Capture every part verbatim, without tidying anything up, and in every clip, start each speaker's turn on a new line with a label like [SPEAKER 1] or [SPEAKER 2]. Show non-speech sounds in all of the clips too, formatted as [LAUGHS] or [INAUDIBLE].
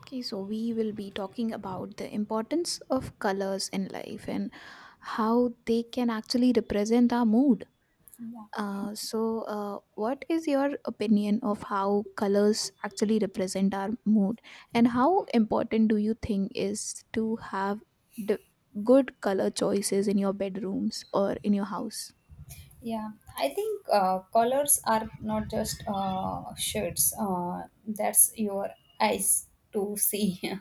[SPEAKER 1] Okay, so we will be talking about the importance of colors in life and how they can actually represent our mood.
[SPEAKER 2] Yeah,
[SPEAKER 1] Uh, so, uh, what is your opinion of how colors actually represent our mood, and how important do you think is to have d- good color choices in your bedrooms or in your house?
[SPEAKER 2] yeah. I think uh, colors are not just uh, shirts. Uh, that's your eyes to see. [LAUGHS]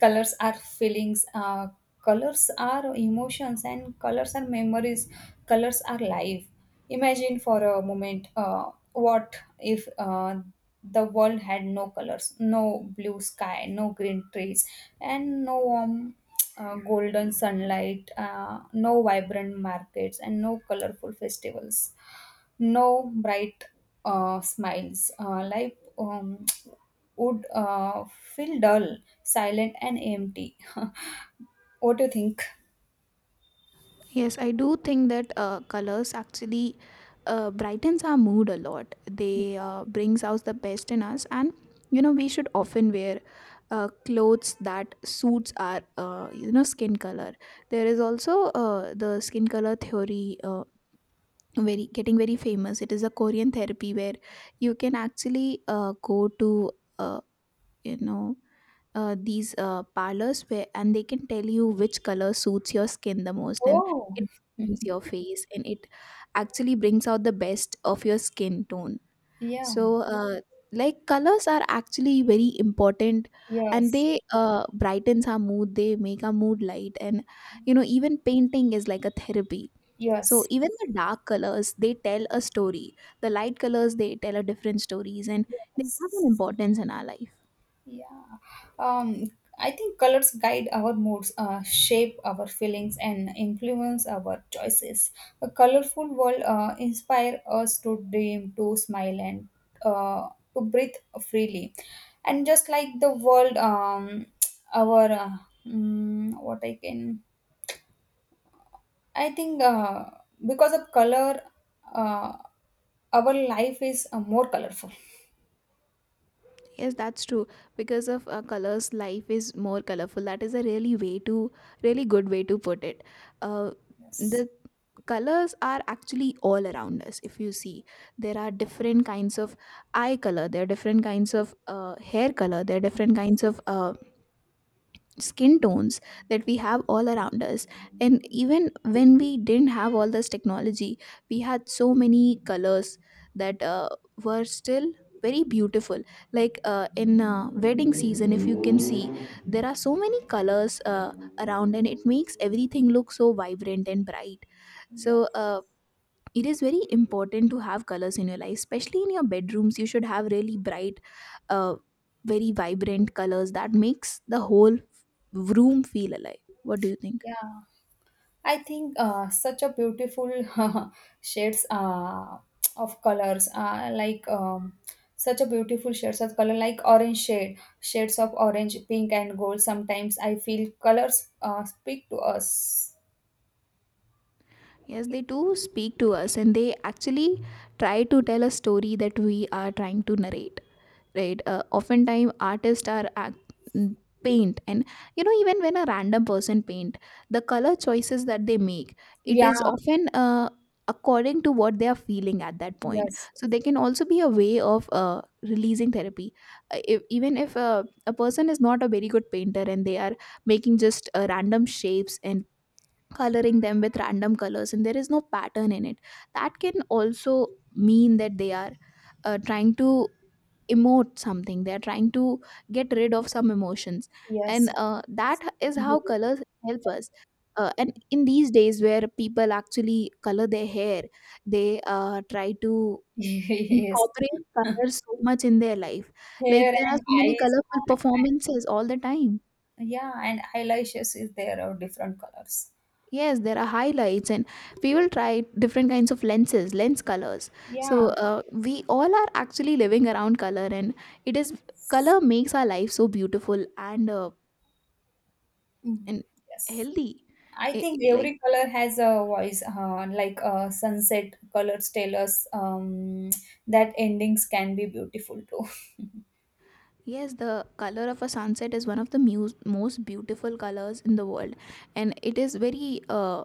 [SPEAKER 2] Colors are feelings. Uh, colors are emotions, and colors are memories. Colors are life. Imagine for a moment. Uh, what if uh, the world had no colors, no blue sky, no green trees, and no warm uh, golden sunlight, uh, no vibrant markets, and no colorful festivals, no bright uh, smiles. Uh, life um, [TSK] would uh, feel dull, silent, and empty. [LAUGHS] What do you think?
[SPEAKER 1] Yes, I do think that uh, colors actually uh, brightens our mood a lot. They uh, brings out the best in us, and you know we should often wear uh, clothes that suits our uh, you know skin color. There is also uh, the skin color theory. Uh, very getting very famous, it is a Korean therapy where you can actually uh, go to uh, you know uh, these uh, parlors where, and they can tell you which color suits your skin the most, and
[SPEAKER 2] Oh,
[SPEAKER 1] it brightens your face, and it actually brings out the best of your skin tone.
[SPEAKER 2] [LAUGHS] yeah,
[SPEAKER 1] So uh, like colors are actually very important, and
[SPEAKER 2] yes,
[SPEAKER 1] they uh, brightens our mood, they make our mood light. And you know even painting is like a therapy, so
[SPEAKER 2] yes,
[SPEAKER 1] even the dark colors, they tell a story, the light colors, they tell a different stories, and they have an
[SPEAKER 2] yes,
[SPEAKER 1] importance in our life.
[SPEAKER 2] yeah. Um, I think colors guide our moods, uh, shape our feelings, and influence our choices. A colorful world uh, inspire us to dream, to smile, and uh, to breathe freely. And just like the world, um, our uh, mm, what I can, I think uh, because of color, uh, our life is uh, more colorful.
[SPEAKER 1] Yes, that's true. Because of uh, colors, life is more colorful. That is a really way to, really good way to put it. Uh,
[SPEAKER 2] Yes.
[SPEAKER 1] the colors are actually all around us. If you see, there are different kinds of eye color. There are different kinds of uh, hair color. There are different kinds of uh, skin tones that we have all around us. And even when we didn't have all this technology, we had so many colors that uh, were still very beautiful, like uh, in uh, wedding season, if you can see, there are so many colors uh, around, and it makes everything look so vibrant and bright.
[SPEAKER 2] Yeah.
[SPEAKER 1] So uh, it is very important to have colors in your life, especially in your bedrooms you should have really bright uh, very vibrant colors that makes the whole room feel alive. What do you think?
[SPEAKER 2] Yeah. I think uh, such a beautiful [LAUGHS] shades uh, of colors, uh, like um, such a beautiful shades of color, like orange shade, shades of orange, pink, and gold. Sometimes I feel colors uh, speak to us.
[SPEAKER 1] Yes, they do speak to us, and they actually try to tell a story that we are trying to narrate, right? Uh, oftentimes artists are act- mm, paint, and you know even when a random person paint, the color choices that they make, it
[SPEAKER 2] Yeah.
[SPEAKER 1] is often uh, according to what they are feeling at that point,
[SPEAKER 2] Yes.
[SPEAKER 1] so they
[SPEAKER 2] Yes.
[SPEAKER 1] can also be a way of uh, releasing therapy. Uh, if, even if uh, a person is not a very good painter and they are making just uh, random shapes and coloring them with random colors and there is no pattern in it, that can also mean that they are uh, trying to emote something, they are trying to get rid of some emotions. And
[SPEAKER 2] Yes.
[SPEAKER 1] uh, that is how
[SPEAKER 2] [LAUGHS]
[SPEAKER 1] colors help us. Uh, and in these days where people actually color their hair, they uh, try to
[SPEAKER 2] Yes.
[SPEAKER 1] incorporate colors so much in their life, like
[SPEAKER 2] Hair
[SPEAKER 1] there are
[SPEAKER 2] and
[SPEAKER 1] so many
[SPEAKER 2] eyes.
[SPEAKER 1] colorful performances all the time.
[SPEAKER 2] Yeah, and eyelashes is there are different colors.
[SPEAKER 1] Yes, there are highlights, and we will try different kinds of lenses lens colors. so
[SPEAKER 2] Yeah.
[SPEAKER 1] uh, we all are actually living around color, and it is color makes our life so beautiful and uh,
[SPEAKER 2] Mhm.
[SPEAKER 1] and
[SPEAKER 2] Yes.
[SPEAKER 1] healthy.
[SPEAKER 2] I
[SPEAKER 1] Eh,
[SPEAKER 2] think
[SPEAKER 1] like
[SPEAKER 2] every color has a voice, uh, like uh, sunset colors tell us um, that endings can be beautiful too.
[SPEAKER 1] Yes, the color of a sunset is one of the muse- most beautiful colors in the world, and it is very uh,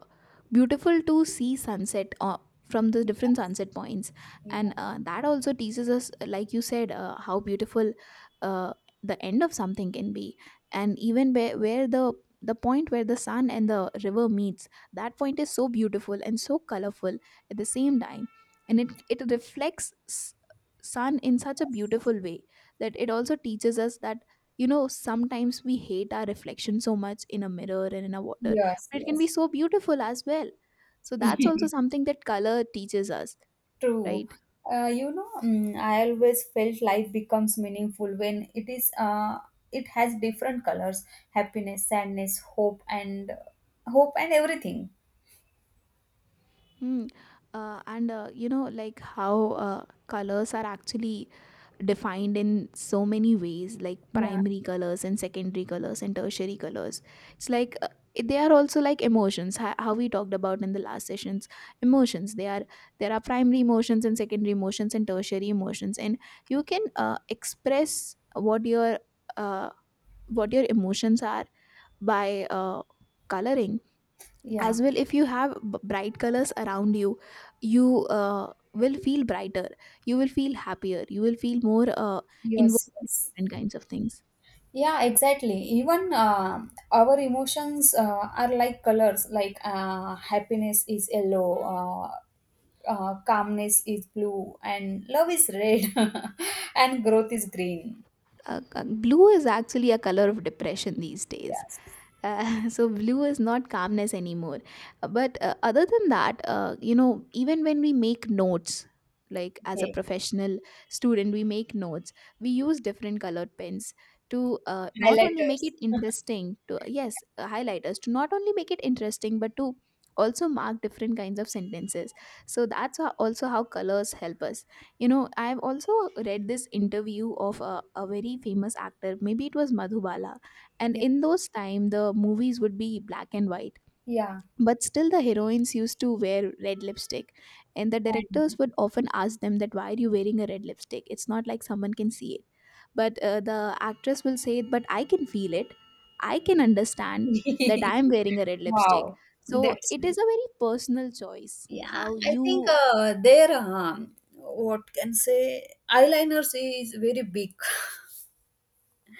[SPEAKER 1] beautiful to see sunset uh, from the
[SPEAKER 2] [LAUGHS]
[SPEAKER 1] different sunset points, and
[SPEAKER 2] Yeah.
[SPEAKER 1] uh, that also teaches us, like you said, uh, how beautiful uh, the end of something can be, and even where where the the point where the sun and the river meets, that point is so beautiful and so colorful at the same time, and it it reflects s- sun in such a beautiful way that it also teaches us that you know sometimes we hate our reflection so much in a mirror and in a water,
[SPEAKER 2] Yes,
[SPEAKER 1] but it can be
[SPEAKER 2] yes.
[SPEAKER 1] so beautiful as well. So that's also
[SPEAKER 2] [LAUGHS]
[SPEAKER 1] something that color teaches us,
[SPEAKER 2] True.
[SPEAKER 1] right?
[SPEAKER 2] Uh, you know, mm, I always felt life becomes meaningful when it is uh, it has different colors, happiness, sadness, hope and hope and everything.
[SPEAKER 1] Hmm. uh, and uh, You know, like how uh, colors are actually defined in so many ways, like
[SPEAKER 2] Yeah,
[SPEAKER 1] primary colors and secondary colors and tertiary colors, it's like uh, they are also like emotions, ho- how we talked about in the last sessions. Emotions, they are, there are primary emotions and secondary emotions and tertiary emotions, and you can uh, express what your uh, what your emotions are by uh, coloring
[SPEAKER 2] yeah.
[SPEAKER 1] as well. If you have b- bright colors around you, you uh, will feel brighter, you will feel happier, you will feel more uh, involved
[SPEAKER 2] Yes, yes.
[SPEAKER 1] different kinds of things.
[SPEAKER 2] Yeah, exactly. Even uh, our emotions uh, are like colors, like uh, happiness is yellow, uh, uh, calmness is blue, and love is red, [LAUGHS] and growth is green.
[SPEAKER 1] Uh, uh, blue is actually a color of depression these days.
[SPEAKER 2] Yes.
[SPEAKER 1] Uh, [LAUGHS] so blue is not calmness anymore. Uh, but uh, other than that, uh, you know, even when we make notes, like as a
[SPEAKER 2] Hey,
[SPEAKER 1] professional student, we make notes, we use different colored pens to uh, not only make it
[SPEAKER 2] highlighters. [LAUGHS]
[SPEAKER 1] interesting to yes uh, highlighters, to not only make it interesting, but to also mark different kinds of sentences. So that's how, also how colors help us. You know, I've also read this interview of a, a very famous actor, maybe it was Madhubala, and in
[SPEAKER 2] Yes.
[SPEAKER 1] those time the movies would be black and white,
[SPEAKER 2] Yeah.
[SPEAKER 1] but still the heroines used to wear red lipstick, and the
[SPEAKER 2] And
[SPEAKER 1] directors would often ask them that why are you wearing a red lipstick, it's not like someone can see it. But uh, the actress will say, but I can feel it, I can understand that
[SPEAKER 2] [LAUGHS]
[SPEAKER 1] I am wearing a red lipstick.
[SPEAKER 2] wow.
[SPEAKER 1] So
[SPEAKER 2] That's
[SPEAKER 1] it is
[SPEAKER 2] it.
[SPEAKER 1] a very personal choice
[SPEAKER 2] Yeah.
[SPEAKER 1] how
[SPEAKER 2] I think
[SPEAKER 1] you
[SPEAKER 2] uh, their, um, what can say, eyeliners is very big.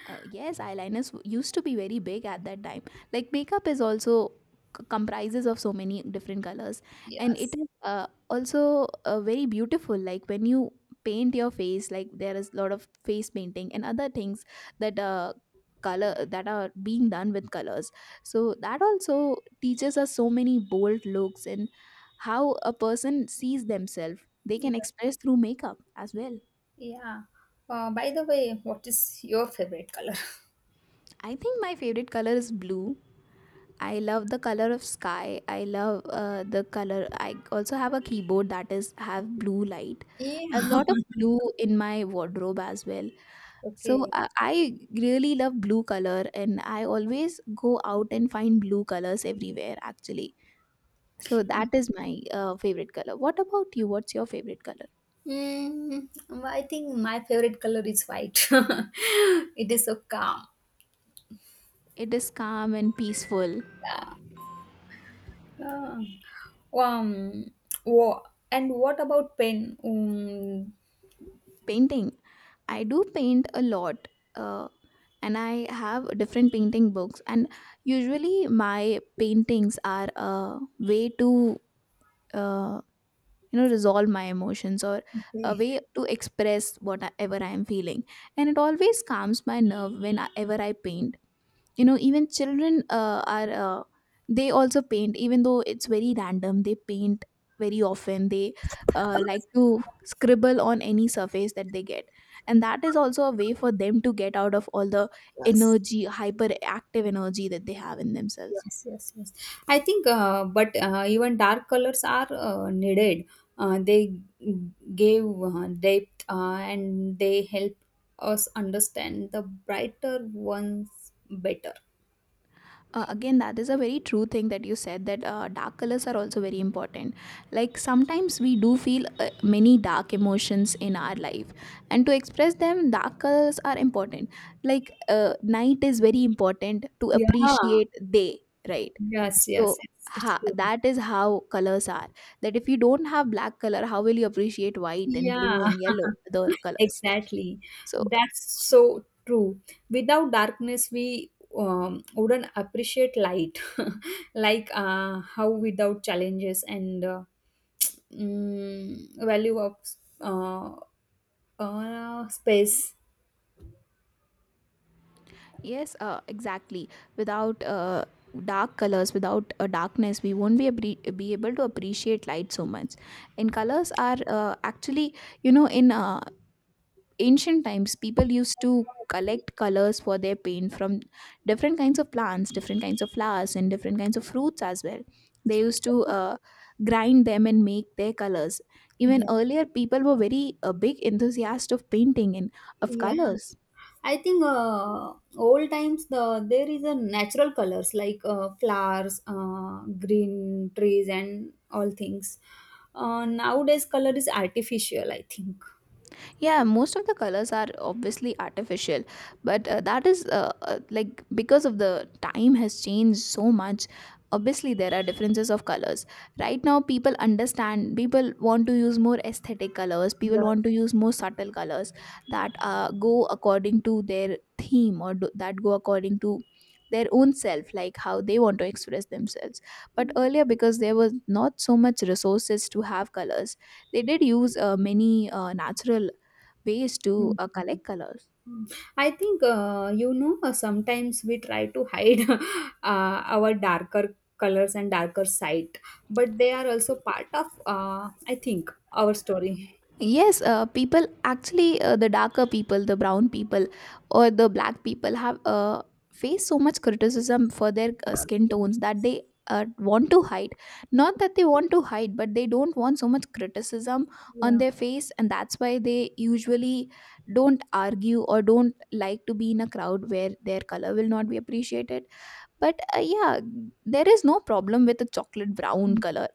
[SPEAKER 1] Uh, yes, eyeliners w- used to be very big at that time. Like makeup is also c- comprises of so many different colors,
[SPEAKER 2] [LAUGHS]
[SPEAKER 1] and it
[SPEAKER 2] Yes.
[SPEAKER 1] is uh, also uh, very beautiful. Like when you paint your face, like there is a lot of face painting and other things that uh, color that are being done with colors. So that also teaches us so many bold looks and how a person sees themselves. They
[SPEAKER 2] Yeah.
[SPEAKER 1] can express through makeup as well.
[SPEAKER 2] Yeah. Uh, by the way, what is your favorite color? [LAUGHS]
[SPEAKER 1] I think my favorite color is blue. I love the color of sky. I love uh, the color. I also have a keyboard that is have blue light.
[SPEAKER 2] Yeah.
[SPEAKER 1] I have a lot of blue in my wardrobe as well. So
[SPEAKER 2] Okay.
[SPEAKER 1] I, I really love blue color, and I always go out and find blue colors everywhere. Actually, so that is my uh, favorite color. What about you? What's your favorite color?
[SPEAKER 2] Mm, I think my favorite color is white. [LAUGHS] It is so calm.
[SPEAKER 1] It is calm and peaceful.
[SPEAKER 2] Yeah. Uh, um. Whoa. And what about pen? Um,
[SPEAKER 1] Painting. I do paint a lot, uh, and I have different painting books. And usually, my paintings are a way to, uh, you know, resolve my emotions, or a
[SPEAKER 2] Okay.
[SPEAKER 1] way to express whatever I am feeling. And it always calms my nerve whenever I paint. You know, even children uh, are uh, they also paint, even though it's very random they paint very often, they uh, like to scribble on any surface that they get, and that is also a way for them to get out of all the
[SPEAKER 2] Yes.
[SPEAKER 1] energy hyperactive energy that they have in themselves.
[SPEAKER 2] Yes, yes, yes. I think, uh, but uh, even dark colors are uh, needed. Uh, they g- gave uh, depth uh, and they help us understand the brighter ones better.
[SPEAKER 1] Uh, again, that is a very true thing that you said, that uh, dark colors are also very important. Like sometimes we do feel uh, many dark emotions in our life, and to express them, dark colors are important. Like uh, night is very important to
[SPEAKER 2] Yeah.
[SPEAKER 1] appreciate day, right?
[SPEAKER 2] Yes,
[SPEAKER 1] So
[SPEAKER 2] yes, yes. It's
[SPEAKER 1] ha-
[SPEAKER 2] good.
[SPEAKER 1] that is how colors are. That if you don't have black color, how will you appreciate white and
[SPEAKER 2] Yeah.
[SPEAKER 1] blue and
[SPEAKER 2] [LAUGHS]
[SPEAKER 1] yellow, other colors?
[SPEAKER 2] Exactly.
[SPEAKER 1] So
[SPEAKER 2] That's so true. Without darkness, we um, wouldn't appreciate light, [LAUGHS] like uh, how without challenges and uh, mm, value of uh, uh, space.
[SPEAKER 1] yes, uh, exactly. Without uh, dark colors, without uh, darkness, we won't be abri- be able to appreciate light so much. And colors are uh, actually, you know, in uh, ancient times, people used to collect colors for their paint from different kinds of plants, different kinds of flowers, and different kinds of fruits as well. They used to uh, grind them and make their colors. Even
[SPEAKER 2] Yeah,
[SPEAKER 1] earlier, people were very uh, big enthusiasts of painting and of
[SPEAKER 2] yeah.
[SPEAKER 1] colors.
[SPEAKER 2] I think uh, old times the there is a natural colors like uh, flowers, uh, green trees, and all things. Uh, nowadays, color is artificial. I think.
[SPEAKER 1] Yeah, most of the colors are obviously artificial, but uh, that is uh, uh, like because of the time has changed so much. Obviously, there are differences of colors. Right now, people understand, people want to use more aesthetic colors, people
[SPEAKER 2] Yes.
[SPEAKER 1] want to use more subtle colors that uh, go according to their theme, or do, that go according to their own self, like how they want to express themselves. But earlier, because there was not so much resources to have colors, they did use uh, many uh, natural ways to
[SPEAKER 2] Mm,
[SPEAKER 1] uh, collect colors.
[SPEAKER 2] mm. I think, uh, you know, uh, sometimes we try to hide [LAUGHS] uh, our darker colors and darker side, but they are also part of, uh, I think, our story.
[SPEAKER 1] Yes, uh, people actually, uh, the darker people, the brown people, or the black people have uh, faced so much criticism for their uh,
[SPEAKER 2] Yes.
[SPEAKER 1] skin tones that they uh, want to hide. Not that they want to hide, but they don't want so much criticism on
[SPEAKER 2] Yeah.
[SPEAKER 1] their face, and that's why they usually don't argue or don't like to be in a crowd where their color will not be appreciated. But uh, yeah, there is no problem with a chocolate brown
[SPEAKER 2] Mhm,
[SPEAKER 1] color,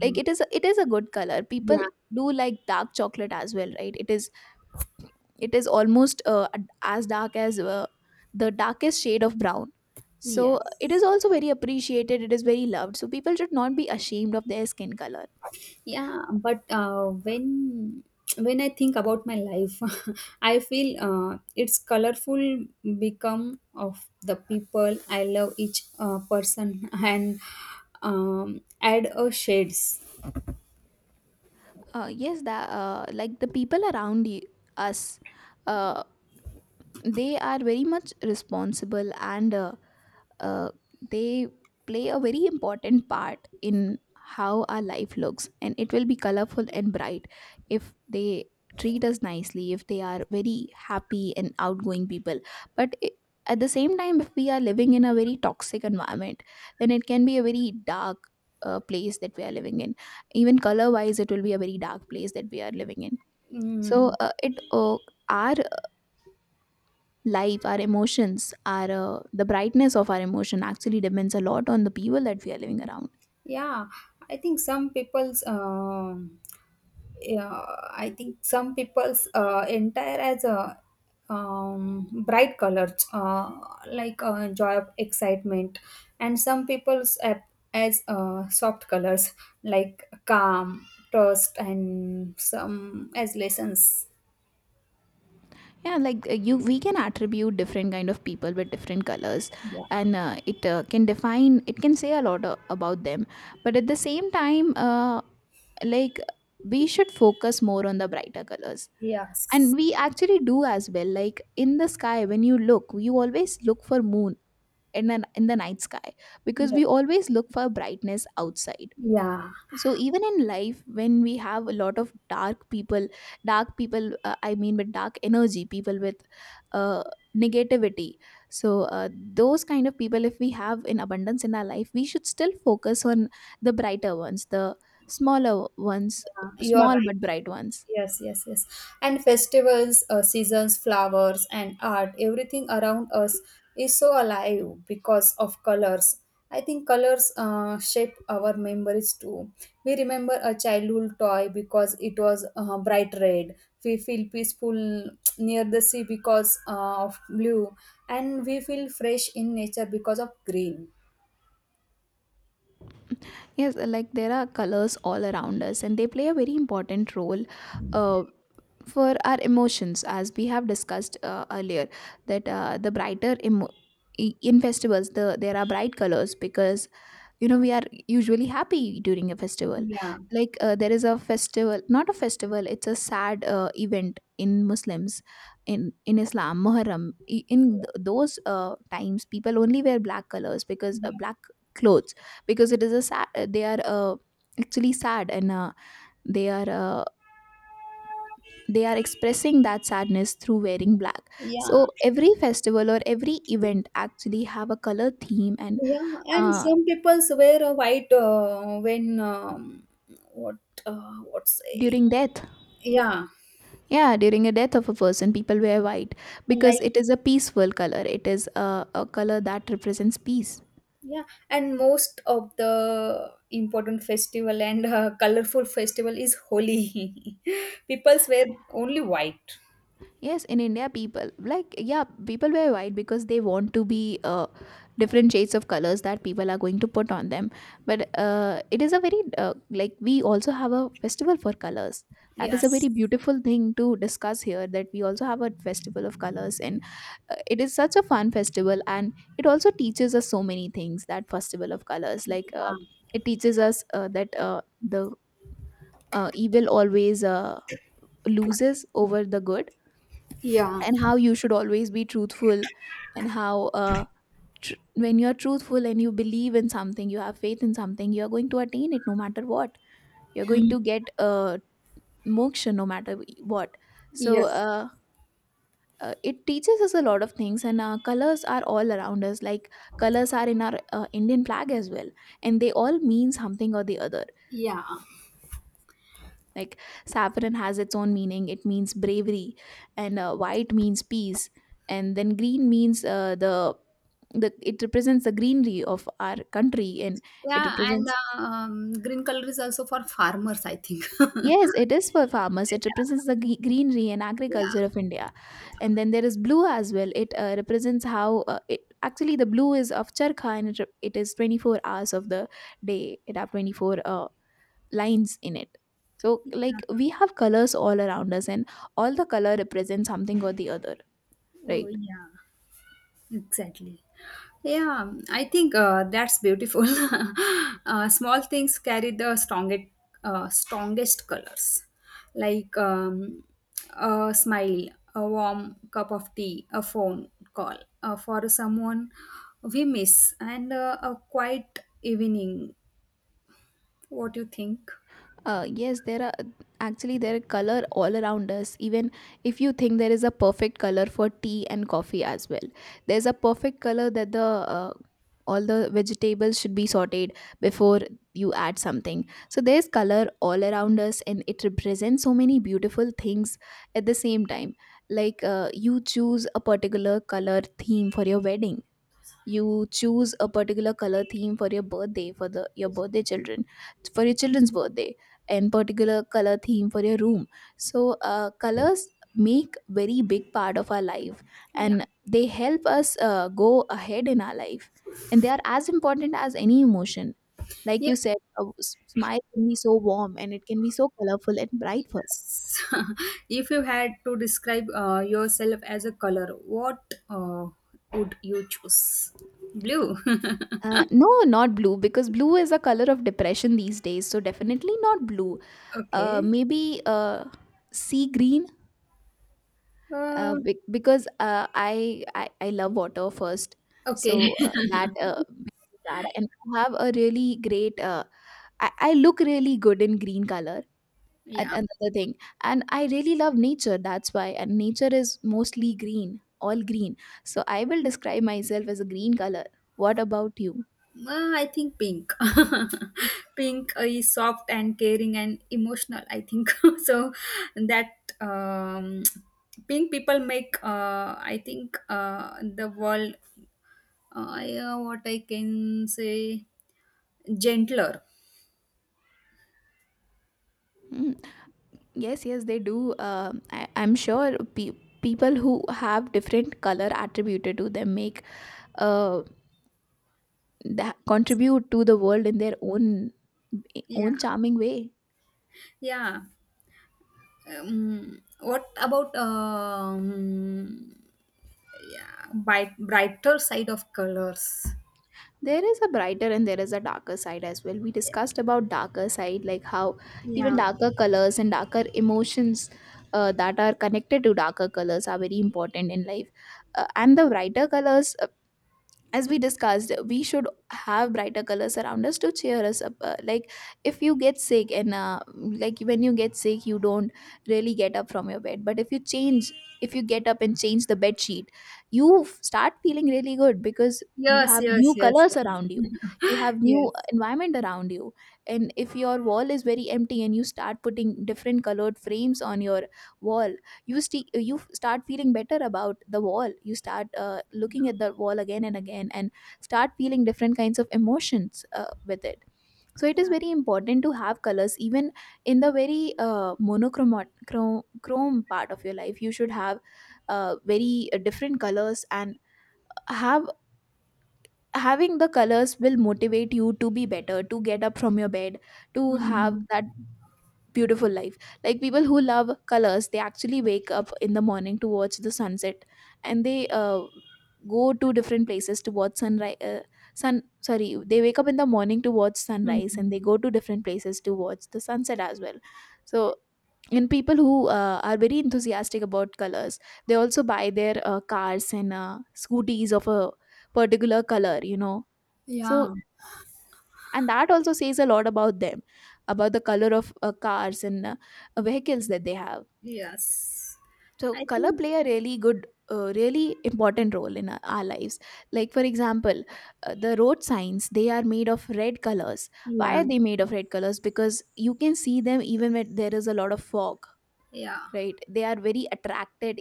[SPEAKER 1] like it is a, it is a good color. People
[SPEAKER 2] Yeah.
[SPEAKER 1] do like dark chocolate as well, right? It is it is almost uh, ad- as dark as uh, the darkest shade of brown, so it is
[SPEAKER 2] Yes.
[SPEAKER 1] also very appreciated, it is very loved, so people should not be ashamed of their skin color.
[SPEAKER 2] Yeah, but uh, when when I think about my life, [LAUGHS] I feel uh, it's colorful become of the people I love each uh, person and um, add a shades.
[SPEAKER 1] Uh, yes, that uh, like the people around you, us, uh, they are very much responsible and uh, uh, they play a very important part in how our life looks, and it will be colorful and bright if they treat us nicely, if they are very happy and outgoing people. But I at the same time if we are living in a very toxic environment, then it can be a very dark uh, place that we are living in. Even color wise, it will be a very dark place that we are living in. So
[SPEAKER 2] Mm.
[SPEAKER 1] uh, it uh, our life, our emotions, our uh, the brightness of our emotion actually depends a lot on the people that we are living around.
[SPEAKER 2] Yeah, I think some people's um, yeah, I think some people's uh, entire as a um, bright colors uh, like uh, joy of excitement, and some people's ap- as uh, soft colors like calm, trust, and some as lessons.
[SPEAKER 1] Yeah, like uh, you we can attribute different kind of people with different colors,
[SPEAKER 2] Yeah.
[SPEAKER 1] and uh, it uh, can define, it can say a lot uh, about them. But at the same time, uh, like we should focus more on the brighter colors, and
[SPEAKER 2] Yes.
[SPEAKER 1] we actually do as well. Like in the sky, when you look, you always look for moon in, an, in the night sky, because
[SPEAKER 2] Yeah.
[SPEAKER 1] we always look for brightness outside.
[SPEAKER 2] Yeah.
[SPEAKER 1] So even in life, when we have a lot of dark people, dark people, uh, I mean, with dark energy, people with uh, negativity, so uh, those kind of people, if we have in abundance in our life, we should still focus on the brighter ones, the smaller ones,
[SPEAKER 2] Yeah, you are
[SPEAKER 1] small but
[SPEAKER 2] right.
[SPEAKER 1] bright ones.
[SPEAKER 2] Yes, yes, yes. And festivals, uh, seasons, flowers, and art, everything around us is so alive because of colors. I think colors uh, shape our memories too. We remember a childhood toy because it was uh, bright red. We feel peaceful near the sea because uh, of blue. And we feel fresh in nature because of green.
[SPEAKER 1] Yes, like there are colors all around us, and they play a very important role uh, for our emotions, as we have discussed uh, earlier. That uh, the brighter emo- I- in festivals, the there are bright colors because, you know, we are usually happy during a festival.
[SPEAKER 2] Yeah,
[SPEAKER 1] Like uh, there is a festival, not a festival, it's a sad uh, event in Muslims, in in Islam, Muharram. I- in th- those uh, times, people only wear black colors because uh,
[SPEAKER 2] yeah,
[SPEAKER 1] black clothes, because it is a sad, uh, they are uh, actually sad, and uh, they are, uh, they are expressing that sadness through wearing black.
[SPEAKER 2] yeah.
[SPEAKER 1] So every festival or every event actually have a color theme. And
[SPEAKER 2] Yeah, and
[SPEAKER 1] uh,
[SPEAKER 2] some people wear a white uh, when um, what uh, what's a
[SPEAKER 1] during death.
[SPEAKER 2] yeah
[SPEAKER 1] Yeah, during a death of a person, people wear white because
[SPEAKER 2] like
[SPEAKER 1] it is a peaceful color. It is a, a color that represents peace.
[SPEAKER 2] yeah, and most of the important festival and uh, colorful festival is Holi. [LAUGHS] People wear only white.
[SPEAKER 1] Yes, in India, people like, yeah, people wear white because they want to be uh, different shades of colors that people are going to put on them. But uh, it is a very uh, like, we also have a festival for colors. That is a
[SPEAKER 2] Yes.
[SPEAKER 1] very beautiful thing to discuss here. That we also have a festival of colors. And uh, it is such a fun festival, and it also teaches us so many things. That festival of colors, like uh, it teaches us uh, that uh, the uh, evil always uh, loses over the good,
[SPEAKER 2] Yeah.
[SPEAKER 1] and how you should always be truthful, and how uh, tr- when you're truthful and you believe in something, you have faith in something, you're going to attain it no matter what. You're going to get uh, moksha no matter what. So
[SPEAKER 2] Yes.
[SPEAKER 1] uh, uh, it teaches us a lot of things. And uh, colors are all around us. Like colors are in our uh, Indian flag as well, and they all mean something or the other.
[SPEAKER 2] Yeah.
[SPEAKER 1] Like saffron has its own meaning. It means bravery. And uh, white means peace. And then green means uh, the the it represents the greenery of our country. And it
[SPEAKER 2] Yeah, and
[SPEAKER 1] represents,
[SPEAKER 2] uh, um, green color is also for farmers, I think. [LAUGHS] yeah,
[SPEAKER 1] yes, it is for farmers. It represents the gre- greenery and
[SPEAKER 2] yeah,
[SPEAKER 1] agriculture of India.
[SPEAKER 2] yeah.
[SPEAKER 1] And then there is blue as well. It uh, represents how, uh, it actually the blue is of charkha, and it, re- it is twenty four hours of the day. It have twenty four uh, lines in it. So like we have colors all around us, and all the color represents something or the other,
[SPEAKER 2] Oh,
[SPEAKER 1] right?
[SPEAKER 2] yeah, exactly. Yeah, I think uh, that's beautiful. [LAUGHS] uh, small things carry the strongest, uh, strongest colors, like um, a smile, a warm cup of tea, a phone call uh, for someone we miss, and uh, a quiet evening. What do you think?
[SPEAKER 1] Uh, yes, there are, actually, there are color all around us. Even if you think, there is a perfect color for tea and coffee as well. There's a perfect color that the uh, all the vegetables should be sorted before you add something. So there's color all around us, and it represents so many beautiful things at the same time. Like uh, you choose a particular color theme for your wedding, you choose a particular color theme for your birthday, for the your birthday children for your children's birthday, and particular color theme for your room. So uh, colors make very big part of our life,
[SPEAKER 2] Yeah,
[SPEAKER 1] and they help us uh, go ahead in our life, and they are as important as any emotion. Like you said, a s- smile can be so warm, and it can be so colorful and bright for us.
[SPEAKER 2] yes. [LAUGHS] If you had to describe uh, yourself as a color, what uh, would you choose? Blue. [LAUGHS]
[SPEAKER 1] Uh, no, not blue, because blue is a color of depression these days. So definitely not blue. uh,
[SPEAKER 2] Okay.
[SPEAKER 1] maybe uh, sea green. Uh,
[SPEAKER 2] Uh,
[SPEAKER 1] be- because uh, I, I I love water first,
[SPEAKER 2] okay.
[SPEAKER 1] so uh,
[SPEAKER 2] [LAUGHS]
[SPEAKER 1] that uh, because of that. And I have a really great. Uh, I, I look really good in green color. And
[SPEAKER 2] Yeah.
[SPEAKER 1] another thing, and I really love nature. That's why. And nature is mostly green, all green. So I will describe myself as a green color. What about you?
[SPEAKER 2] Uh, I think pink. [LAUGHS] Pink uh, is soft and caring and emotional, I think. [LAUGHS] So that um, pink people make, uh, I think, uh, the world, uh, yeah, what I can say, gentler.
[SPEAKER 1] Hmm. Yes, yes, they do. Um, I, I'm sure pe- people who have different color attributed to them make uh, that contribute to the world in their own
[SPEAKER 2] Yeah.
[SPEAKER 1] own charming way.
[SPEAKER 2] Yeah. Um, what about um, yeah, bright, brighter side of colors?
[SPEAKER 1] There is a brighter and there is a darker side as well. We discussed about darker side, like how even
[SPEAKER 2] Yeah.
[SPEAKER 1] darker colors and darker emotions uh, that are connected to darker colors are very important in life. Uh, and the brighter colors, uh, as we discussed, we should have brighter colors around us to cheer us up. Uh, like if you get sick, and uh, like when you get sick, you don't really get up from your bed. But if you change, if you get up and change the bed sheet, you f- start feeling really good, because you
[SPEAKER 2] Yes,
[SPEAKER 1] have
[SPEAKER 2] yes,
[SPEAKER 1] new
[SPEAKER 2] yes.
[SPEAKER 1] colors around
[SPEAKER 2] [LAUGHS]
[SPEAKER 1] you, you have new
[SPEAKER 2] Yes.
[SPEAKER 1] environment around you. And if your wall is very empty and you start putting different colored frames on your wall, you st- you f- start feeling better about the wall. You start uh, looking at the wall again and again and start feeling different kinds of emotions uh, with it. So it is
[SPEAKER 2] Yeah.
[SPEAKER 1] very important to have colors even in the very uh, monochrome chrome chrome part of your life. You should have uh, very uh, different colors and have, having the colors will motivate you to be better, to get up from your bed, to have
[SPEAKER 2] Mhm.
[SPEAKER 1] that beautiful life. Like people who love colors, they actually wake up in the morning to watch the sunset, and they uh, go to different places to watch sunrise. Uh, sun Sorry, they wake up in the morning to watch sunrise, and they
[SPEAKER 2] Mhm.
[SPEAKER 1] go to different places to watch the sunset as well. So, and people who uh, are very enthusiastic about colors, they also buy their uh, cars and uh, scooties of a particular color, you know. So,
[SPEAKER 2] Yeah.
[SPEAKER 1] and that also says a lot about them, about the color of uh, cars and uh, vehicles that they have.
[SPEAKER 2] Yes.
[SPEAKER 1] So
[SPEAKER 2] I
[SPEAKER 1] color
[SPEAKER 2] think.
[SPEAKER 1] play a really good, uh, really important role in our, our lives. Like for example, uh, the road signs, they are made of red colors. Why
[SPEAKER 2] Yeah.
[SPEAKER 1] are they made of red colors? Because you can see them even when there is a lot of fog,
[SPEAKER 2] Yeah.
[SPEAKER 1] right? They are very attracted,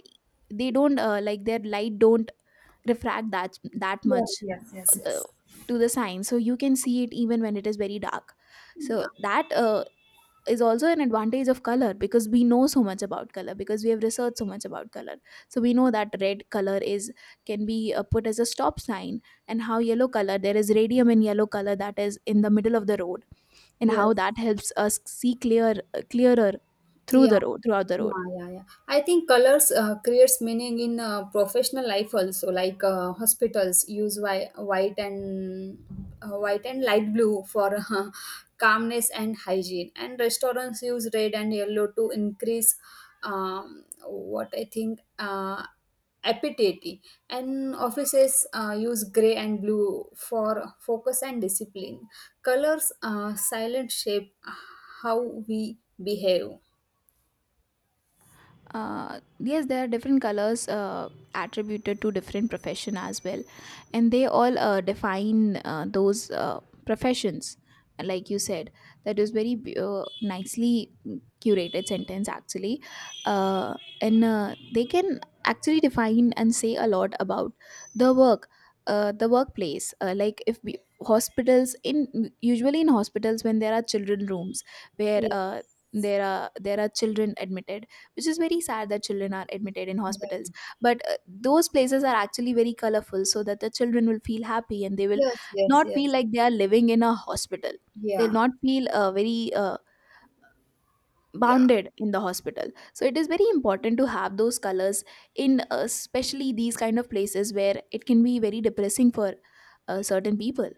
[SPEAKER 1] they don't uh, like their light don't refract that that
[SPEAKER 2] Yes,
[SPEAKER 1] much,
[SPEAKER 2] yes,
[SPEAKER 1] uh,
[SPEAKER 2] yes,
[SPEAKER 1] the,
[SPEAKER 2] yes.
[SPEAKER 1] to the sign, so you can see it even when it is very dark.
[SPEAKER 2] Yeah.
[SPEAKER 1] So that uh, is also an advantage of color, because we know so much about color, because we have researched so much about color. So we know that red color is, can be uh, put as a stop sign, and how yellow color, there is radium in yellow color that is in the middle of the road, and how
[SPEAKER 2] Yes.
[SPEAKER 1] that helps us see clear clearer through the
[SPEAKER 2] Yeah.
[SPEAKER 1] road throughout the road.
[SPEAKER 2] Yeah, yeah, yeah. I think colors uh, creates meaning in uh, professional life also. Like uh, hospitals use whi- white and uh, white and light blue for [LAUGHS] uh, calmness and hygiene, and restaurants use red and yellow to increase um, what I think uh, appetite. And offices uh, use gray and blue for focus and discipline. Colors uh, silent shape uh, how we behave.
[SPEAKER 1] Uh, yes, there are different colors uh, attributed to different profession as well, and they all uh, define uh, those uh, professions. Like you said, that is very be- uh, nicely curated sentence, actually. uh, and uh, they can Actually define and say a lot about the work, uh, the workplace. uh, like if we, hospitals, in usually in hospitals when there are children rooms where uh,
[SPEAKER 2] Yes.
[SPEAKER 1] there are there are children admitted, which is very sad that children are admitted in hospitals.
[SPEAKER 2] Yeah.
[SPEAKER 1] But uh, those places are actually very colorful so that the children will feel happy and they will
[SPEAKER 2] Yes, yes,
[SPEAKER 1] not feel
[SPEAKER 2] yes.
[SPEAKER 1] like they are living in a hospital. They'll
[SPEAKER 2] Yeah,
[SPEAKER 1] not feel uh, very uh,
[SPEAKER 2] yeah,
[SPEAKER 1] bounded in the hospital, so it is very important to have those colors in, uh, especially these kind of places where it can be very depressing for uh, certain people.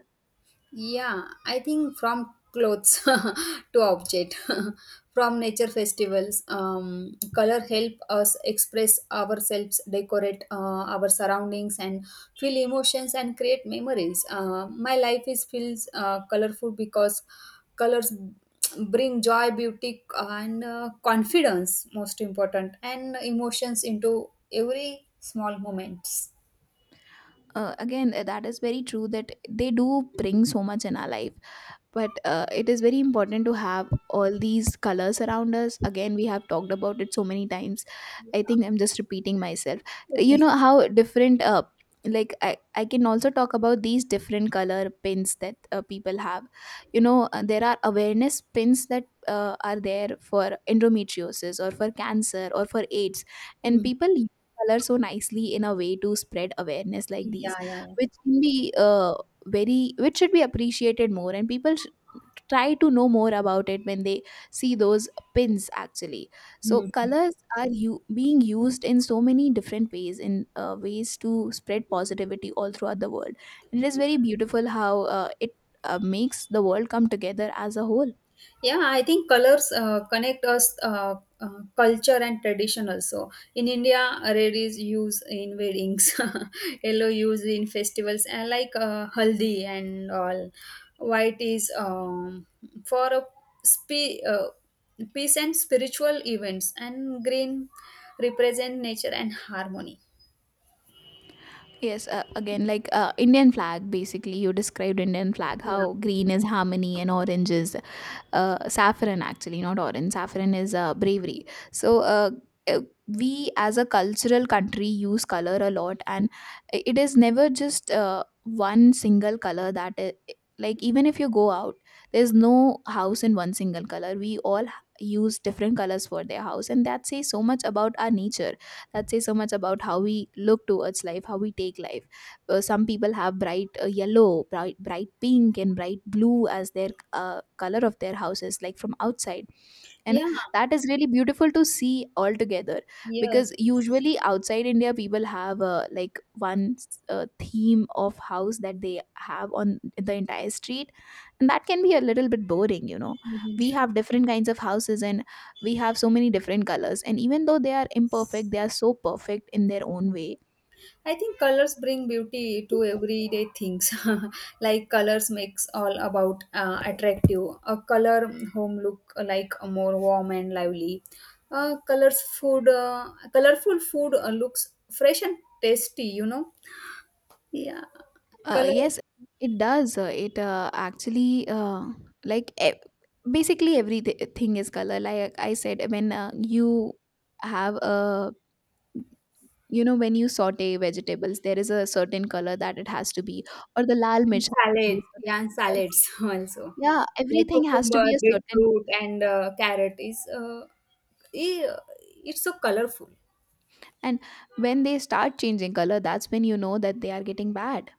[SPEAKER 2] yeah. I think from clothes [LAUGHS] to object, [LAUGHS] from nature festivals, um, color help us express ourselves, decorate uh, our surroundings, and feel emotions and create memories. Uh, my life is feels uh, colorful because colors bring joy, beauty, and uh, confidence. Most important, and emotions into every small moments.
[SPEAKER 1] uh, Again, uh, that is very true that they do bring so much in our life, but uh, it is very important to have all these colors around us. Again, we have talked about it so many times, I think I'm just repeating myself. You
[SPEAKER 2] Okay.
[SPEAKER 1] know, how different uh, like I, I can also talk about these different color pins that uh, people have. You know, uh, there are awareness pins that uh, are there for endometriosis or for cancer or for aids, and
[SPEAKER 2] Mm.
[SPEAKER 1] people color so nicely in a way to spread awareness, like these,
[SPEAKER 2] Yeah, yeah, yeah.
[SPEAKER 1] which can be uh, very which should be appreciated more, and people sh- try to know more about it when they see those pins, actually. So
[SPEAKER 2] Mm.
[SPEAKER 1] colors are you being used in so many different ways in uh, ways to spread positivity all throughout the world, and it is very beautiful how uh, it uh, makes the world come together as a whole.
[SPEAKER 2] Yeah, I think colors uh, connect us uh, uh, culture and tradition also. In India, red is used in weddings, [LAUGHS] yellow used in festivals, and like uh, haldi and all. White is um, for a spe- uh, peace and spiritual events, and green represent nature and harmony.
[SPEAKER 1] Yes, uh, again, like, uh, Indian flag, basically, you described Indian flag,
[SPEAKER 2] Yeah,
[SPEAKER 1] how green is harmony and orange is uh, saffron, actually, not orange. Saffron is uh, bravery. So, uh, uh, we as a cultural country use color a lot, and i- it is never just uh, one single color that is. Like, even if you go out, there's no house in one single color. We all h- use different colors for their house, and that says so much about our nature, that says so much about how we look towards life, how we take life. Uh, some people have bright uh, yellow, bright bright pink, and bright blue as their uh, color of their houses, like from outside, and
[SPEAKER 2] yeah,
[SPEAKER 1] that is really beautiful to see altogether.
[SPEAKER 2] yes.
[SPEAKER 1] Because usually outside India people have uh, like one uh, theme of house that they have on the entire street, and that can be a little bit boring, you know.
[SPEAKER 2] Mhm.
[SPEAKER 1] We have different kinds of houses, and we have so many different colors, and even though they are imperfect, they are so perfect in their own way.
[SPEAKER 2] I think colors bring beauty to everyday things. [LAUGHS] Like colors makes all about uh, attractive. A color home look uh, like uh, more warm and lively. Uh, colors food, uh, colorful food uh, looks fresh and tasty. You know, yeah.
[SPEAKER 1] Uh,
[SPEAKER 2] Color
[SPEAKER 1] yes, it does. Uh, It uh, actually uh, like e- basically everything is color. Like I said, when uh, you have a, you know, when you saute vegetables, there is a certain color that it has to be, or the lal mirch
[SPEAKER 2] and
[SPEAKER 1] has to be
[SPEAKER 2] salad,
[SPEAKER 1] a certain
[SPEAKER 2] yeah, and
[SPEAKER 1] color.
[SPEAKER 2] salads [LAUGHS] also
[SPEAKER 1] Yeah,
[SPEAKER 2] like
[SPEAKER 1] everything has to
[SPEAKER 2] cucumber,
[SPEAKER 1] be a certain.
[SPEAKER 2] beetroot, and uh, carrot is uh, i- it's so colorful.
[SPEAKER 1] And when they start changing color, that's when you know that they are getting bad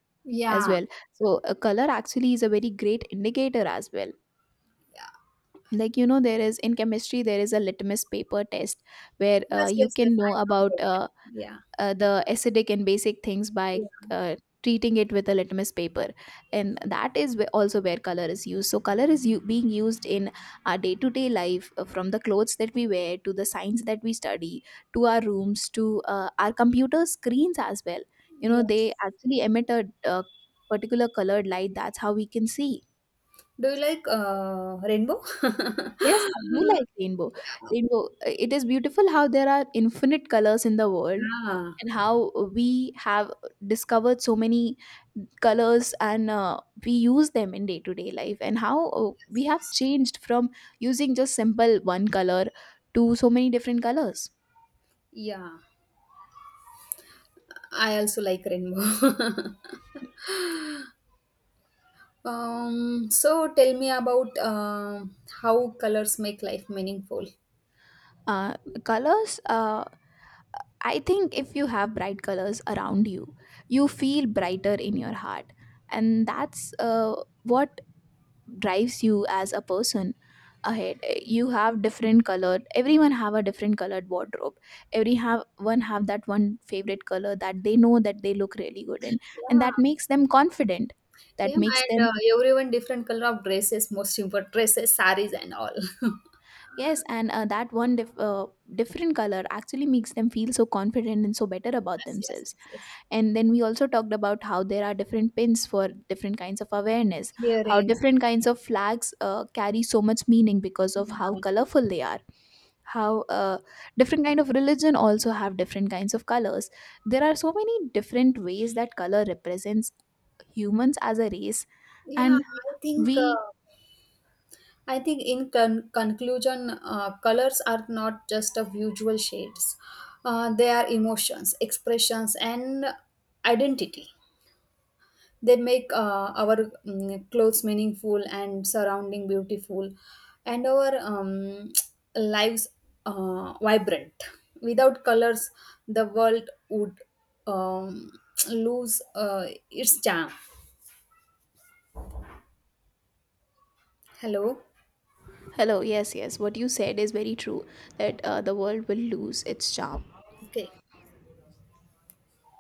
[SPEAKER 1] as
[SPEAKER 2] Yeah,
[SPEAKER 1] well. So, a color actually is a very great indicator as well.
[SPEAKER 2] yeah.
[SPEAKER 1] Like, you know, there is in chemistry there is a litmus paper test where uh,
[SPEAKER 2] Yes,
[SPEAKER 1] you
[SPEAKER 2] yes, yes.
[SPEAKER 1] can know
[SPEAKER 2] I
[SPEAKER 1] about
[SPEAKER 2] know that.
[SPEAKER 1] uh,
[SPEAKER 2] Yeah.
[SPEAKER 1] uh, the acidic and basic things by
[SPEAKER 2] Yeah.
[SPEAKER 1] uh, treating it with a litmus paper. And that is where- also where color is used. So color is u- being used in our day-to-day life, uh, from the clothes that we wear to the science that we study, to our rooms, to uh, our computer screens as well. You know,
[SPEAKER 2] Yes.
[SPEAKER 1] they actually emit a, a particular colored light. That's how we can see.
[SPEAKER 2] Do you like uh, Rainbow?
[SPEAKER 1] Yes, I do
[SPEAKER 2] [LAUGHS]
[SPEAKER 1] like rainbow.
[SPEAKER 2] Yeah.
[SPEAKER 1] Rainbow, uh, it is beautiful how there are infinite colors in the world,
[SPEAKER 2] Yeah.
[SPEAKER 1] and how we have discovered so many colors, and uh, we use them in day to day life, and how uh, we have changed from using just simple one color to so many different colors.
[SPEAKER 2] Yeah. I also like Rainbow. [LAUGHS] Um, so tell me about uh, how colors make life meaningful.
[SPEAKER 1] Uh, Colors, uh, I think if you have bright colors around you, you feel brighter in your heart. And that's uh, what drives you as a person ahead. You have different colored, everyone have a different colored wardrobe, every have one have that one favorite color that they know that they look really good in, and
[SPEAKER 2] Yeah.
[SPEAKER 1] that makes them confident,
[SPEAKER 2] Yeah,
[SPEAKER 1] that makes
[SPEAKER 2] and
[SPEAKER 1] them,
[SPEAKER 2] uh, everyone different color of dresses, most important dresses, saris and all. [LAUGHS]
[SPEAKER 1] yes. And uh, that one dif- uh, different color actually makes them feel so confident and so better about
[SPEAKER 2] Yes, yes,
[SPEAKER 1] themselves.
[SPEAKER 2] yes, yes.
[SPEAKER 1] And then we also talked about how there are different pins for different kinds of awareness, how
[SPEAKER 2] Earrings.
[SPEAKER 1] different kinds of flags uh, carry so much meaning because of how
[SPEAKER 2] Yeah.
[SPEAKER 1] colorful they are, how uh, different kind of religion also have different kinds of colors. There are so many different ways that color represents humans as a race.
[SPEAKER 2] Yeah,
[SPEAKER 1] And
[SPEAKER 2] I think
[SPEAKER 1] we,
[SPEAKER 2] uh, I think, in con- conclusion, uh, colors are not just of visual shades, uh, they are emotions, expressions, and identity. They make uh, our mm, clothes meaningful and surrounding beautiful, and our um, lives uh, vibrant. Without colors, the world would um, lose uh, its charm. Hello.
[SPEAKER 1] hello. Yes, yes, what you said is very true, that uh, the world will lose its charm.
[SPEAKER 2] Okay.